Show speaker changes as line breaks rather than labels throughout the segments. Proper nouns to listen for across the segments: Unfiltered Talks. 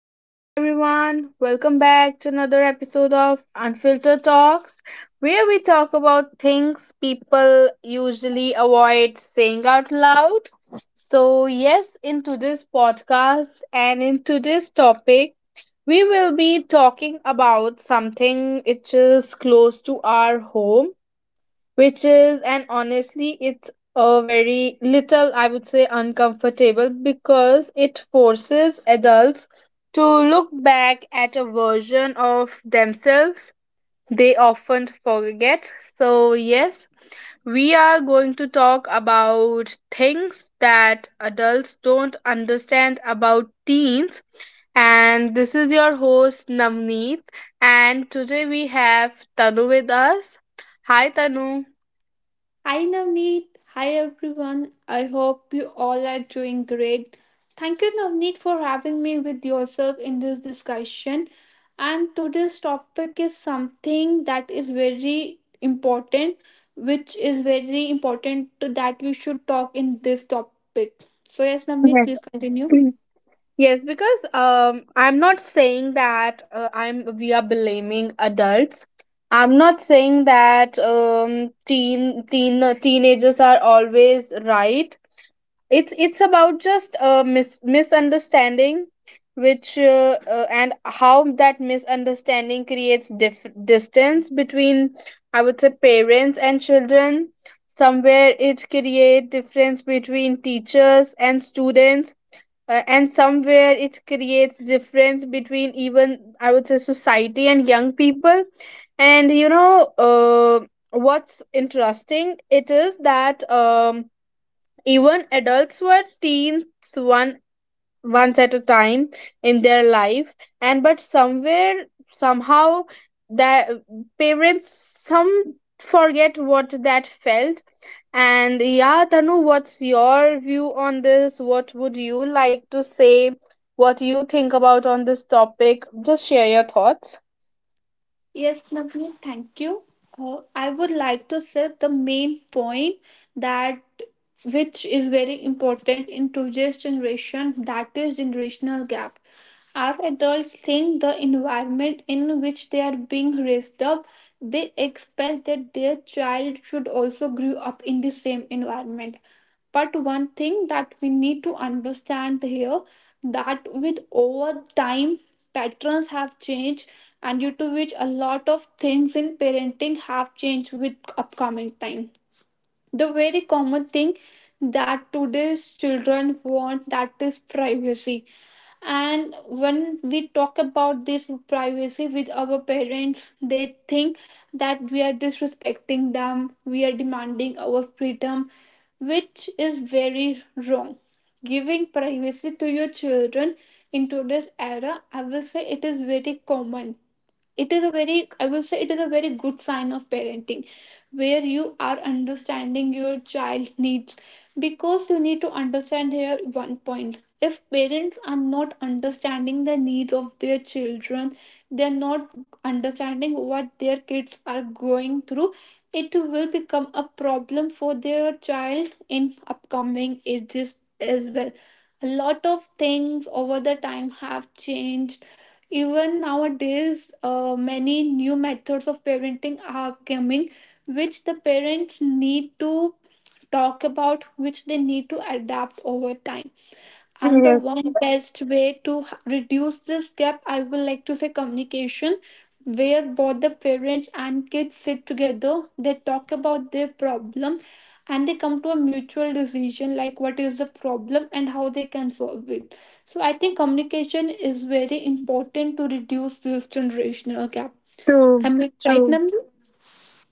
Hello, everyone. Welcome back to another episode of Unfiltered Talks, where we talk about things people usually avoid saying out loud. So, yes, in today's podcast and in today's topic, we will be talking about something which is close to our home which is and honestly it's a very little, I would say, uncomfortable because it forces adults to look back at a version of themselves they often forget. So yes, we are going to talk about things that adults don't understand about teens. And this is your host, Navneet, and today we have Tanu with us. Hi, Tanu.
Hi Navneet, hi everyone. I hope you all are doing great. Thank you Navneet for having me with yourself in this discussion. And today's topic is something that is very important, which is very important to that we should talk in this topic. So yes, Navneet,
Yes.
please continue.
Mm. Yes, because I'm not saying that I'm we are blaming adults. I'm not saying that teen teenagers are always right. It's about just misunderstanding, which and how that misunderstanding creates distance between, I would say, parents and children. Somewhere it create difference between teachers and students, and somewhere it creates difference between even, I would say, society and young people. And what's interesting it is that even adults were teens one once at a time in their life. And but somewhere, somehow, that parents some forget what that felt. And yeah, Tanu, what's your view on this? What would you like to say? What you think about on this topic? Just share your thoughts.
Yes, Navneet, thank you. I would like to say the main point that which is very important in today's generation that is generational gap. Our adults think the environment in which they are being raised up, they expect that their child should also grow up in the same environment, but one thing that we need to understand here that with over time patterns have changed, and due to which a lot of things in parenting have changed with upcoming time. The very common thing that today's children want that is privacy, and when we talk about this privacy with our parents they think that we are disrespecting them, we are demanding our freedom, which is very wrong. Giving privacy to your children in today's era, I will say it is very common. It is a very, I will say it is a very good sign of parenting, where you are understanding your child's needs. Because you need to understand here one point, if parents are not understanding the needs of their children, they're not understanding what their kids are going through, it will become a problem for their child in upcoming ages as well. A lot of things over the time have changed. Even nowadays, many new methods of parenting are coming, which the parents need to talk about, which they need to adapt over time. And the
Yes,
one best way to reduce this gap, I would like to say communication, where both the parents and kids sit together, they talk about their problem and they come to a mutual decision like what is the problem and how they can solve it. So I think communication is very important to reduce this generational gap.
true,
Am I right,
true.
Namrata?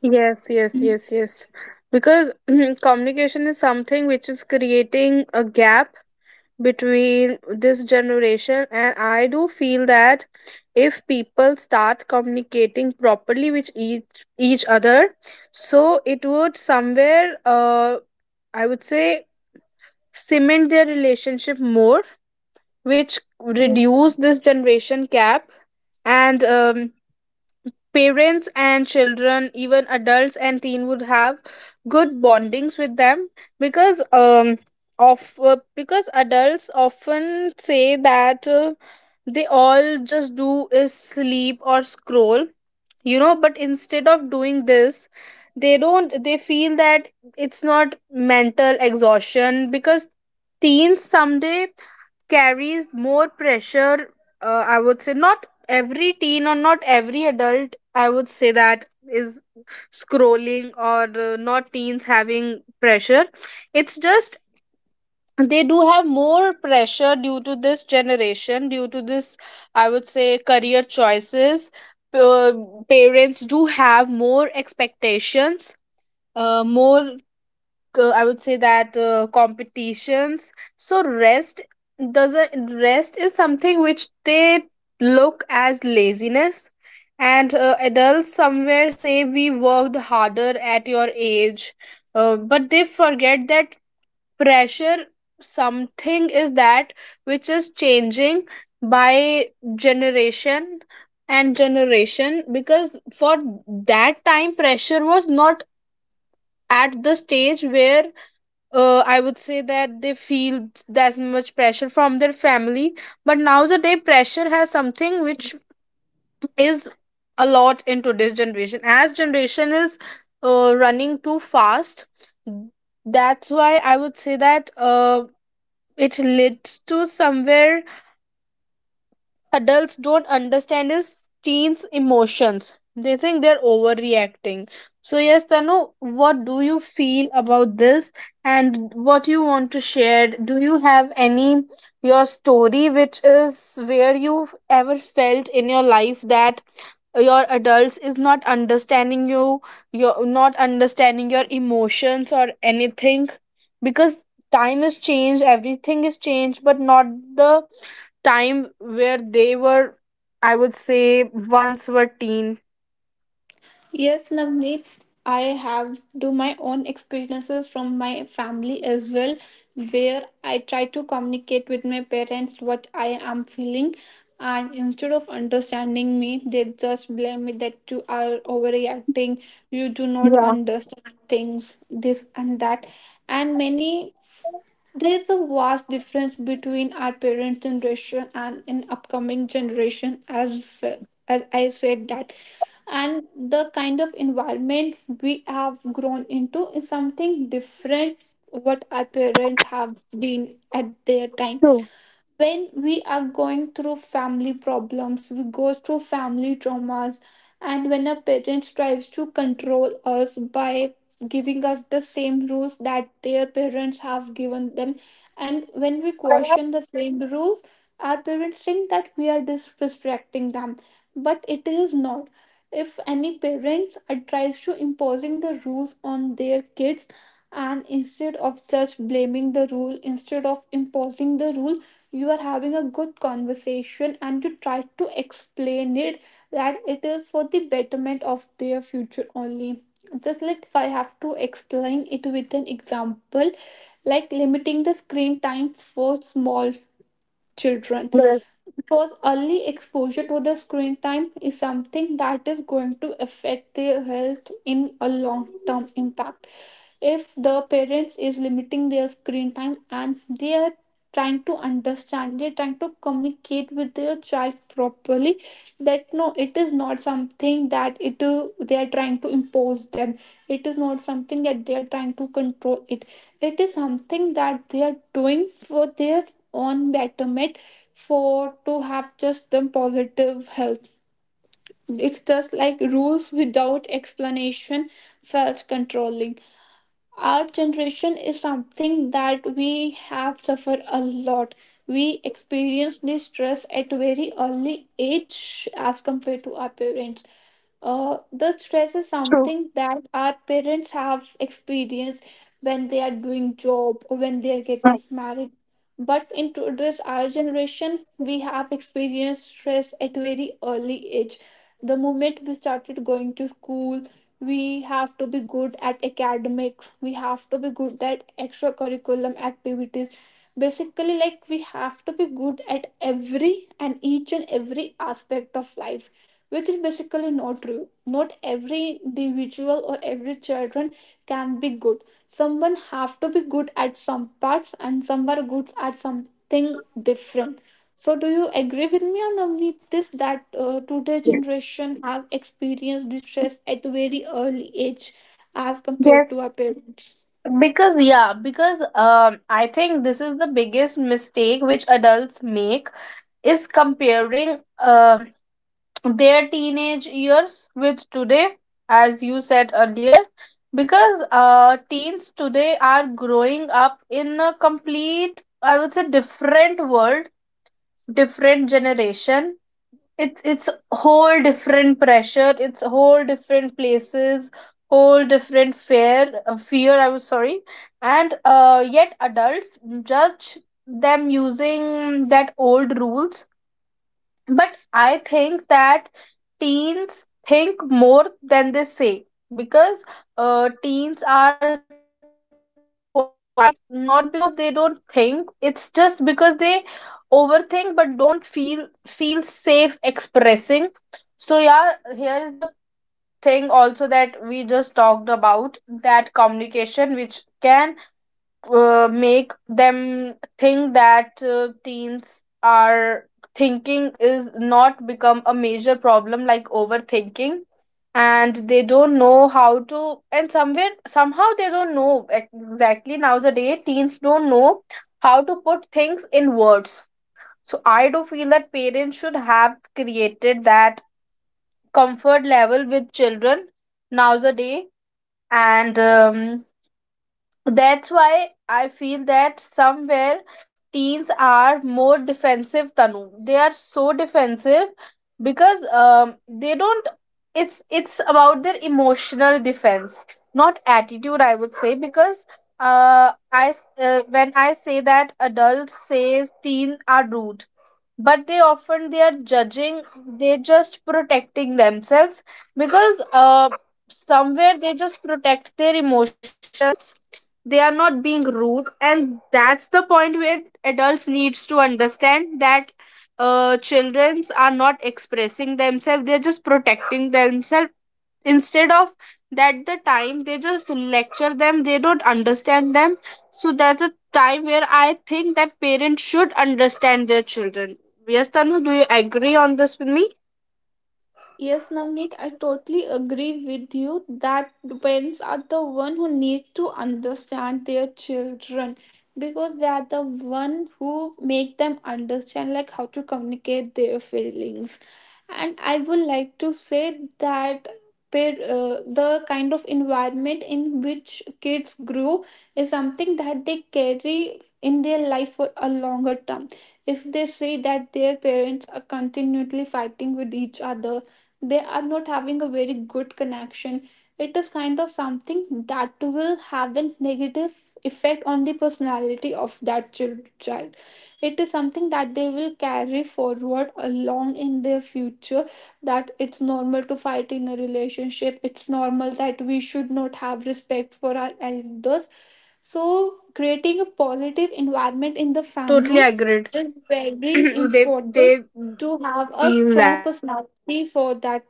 Yes, yes, yes, yes. Because communication is something which is creating a gap between this generation. And I do feel that if people start communicating properly with each other, so it would somewhere, I would say, cement their relationship more, which
Yes.
reduce this generation gap. And parents and children, even adults and teen, would have good bondings with them. Because of because adults often say that they all just do is sleep or scroll, you know. But instead of doing this, they don't, they feel that it's not mental exhaustion, because teens someday carries more pressure. I would say not every teen or not every adult, I would say, that is scrolling, or not teens having pressure. It's just they do have more pressure due to this generation, due to this, I would say, career choices. uh, parents do have more expectations, more, I would say that, competitions. So rest doesn't, rest is something which they look as laziness. And adults somewhere say we worked harder at your age. But they forget that pressure something is that which is changing by generation and generation. Because for that time, pressure was not at the stage where, I would say, that they feel that much pressure from their family. But nowadays pressure has something which is a lot in today's generation, as generation is running too fast. That's why I would say that it leads to somewhere adults don't understand is teens emotions. They think they're overreacting. So yes, Tanu, what do you feel about this? And what you want to share? Do you have any your story, which is where you ever felt in your life that your adults is not understanding you, you're not understanding your emotions or anything, because time is changed, everything is changed, but not the time where they were, I would say, once were teen.
Yes, Navneet, I have do my own experiences from my family as well, where I try to communicate with my parents what I am feeling, and instead of understanding me, they just blame me that you are overreacting, you do not
Yeah,
understand things, this and that, and many, there is a vast difference between our parents' generation and in upcoming generation as well. As I said that, and the kind of environment we have grown into is something different what our parents have been at their time.
true.
When we are going through family problems, we go through family traumas, and when a parent tries to control us by giving us the same rules that their parents have given them, and when we question the same rules, our parents think that we are disrespecting them, but it is not. If any parents are tries to imposing the rules on their kids, and instead of just blaming the rule, instead of imposing the rule, you are having a good conversation and you try to explain it that it is for the betterment of their future only. Just like if I have to explain it with an example, like limiting the screen time for small children,
Yes,
because early exposure to the screen time is something that is going to affect their health in a long term impact. If the parents is limiting their screen time and they are trying to understand, they're trying to communicate with their child properly, that no, it is not something that it they are trying to impose them, it is not something that they are trying to control it, it is something that they are doing for their own betterment, for to have just them positive health. It's just like rules without explanation felt controlling. Our generation is something that we have suffered a lot. We experience this stress at very early age as compared to our parents. The stress is
true.
something that our parents have experienced when they are doing job or when they are
Mm.
getting married, but in today's our generation we have experienced stress at very early age. The moment we started going to school, we have to be good at academics, we have to be good at extracurricular activities, basically like we have to be good at every and each and every aspect of life, which is basically not true. Not every individual or every children can be good. Someone have to be good at some parts and some are good at something different. So, do you agree with me on Navneet this that today generation have experienced distress at a very early age as compared
Yes.
to our parents?
Because yeah, because I think this is the biggest mistake which adults make is comparing, um their teenage years with today, as you said earlier. Because uh, teens today are growing up in a complete, I would say, different world, different generation. It's whole different pressure, it's whole different places, whole different fear, I was sorry. And yet adults judge them using that old rules. But I think that teens think more than they say. Because teens are quiet not because they don't think, it's just because they overthink but don't feel safe expressing. So yeah, here is the thing also that we just talked about, that communication which can make them think that teens are thinking is not become a major problem like overthinking. And they don't know how to, and somewhere somehow they don't know exactly, nowadays teens don't know how to put things in words. So I do feel that parents should have created that comfort level with children nowadays. And that's why I feel that somewhere teens are more defensive, Tanu. They are so defensive because they don't. It's about their emotional defense, not attitude. I would say, because when I say that adults says teen are rude, but they often they are judging, they're just protecting themselves. Because somewhere they just protect their emotions, they are not being rude. And that's the point where adults needs to understand that uh, childrens are not expressing themselves, they're just protecting themselves. Instead of that, the time they just lecture them, they don't understand them. So that's a time where I think that parents should understand their children. Yes, Tanu, do you agree on this with me?
Yes, Navneet, I totally agree with you that parents are the one who need to understand their children, because they are the one who make them understand like how to communicate their feelings. And I would like to say that the kind of environment in which kids grow is something that they carry in their life for a longer term. If they see that their parents are continually fighting with each other, they are not having a very good connection, it is kind of something that will have a negative effect on the personality of that child. It is something that they will carry forward along in their future, that it's normal to fight in a relationship, it's normal that we should not have respect for our elders. So creating a positive
Yes, yes,
environment in the
totally
family
agreed.
is very
they
important
they
to have a
feel
strong
that somewhere,
personality for that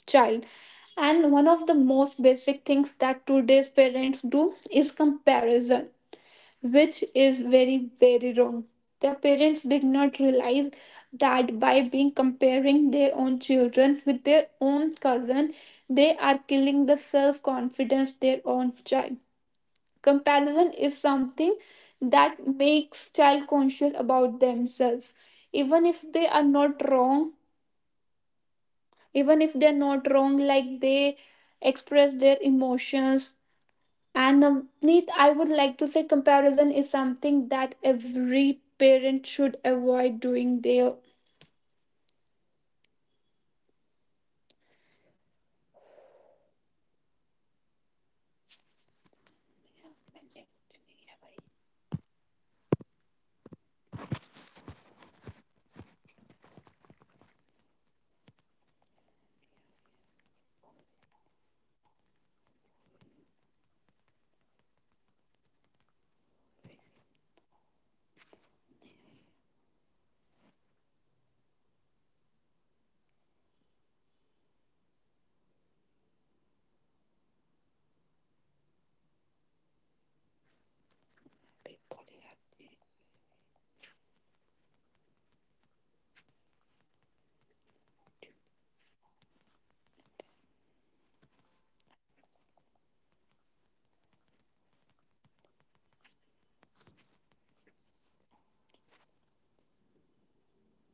right,
child.
Tanu?
And one of the most basic things that today's parents do is comparison, which is very, very wrong. Their parents did not realize that by being
Okay,
comparing their own
disconnect. Fine, so
children with their own cousin, they are killing the self confidence their own child. Comparison is something that makes child conscious about themselves, even if they are not wrong, even if they're not wrong, like they express their emotions. And Neet, I would like to say comparison is something that every parent should avoid doing their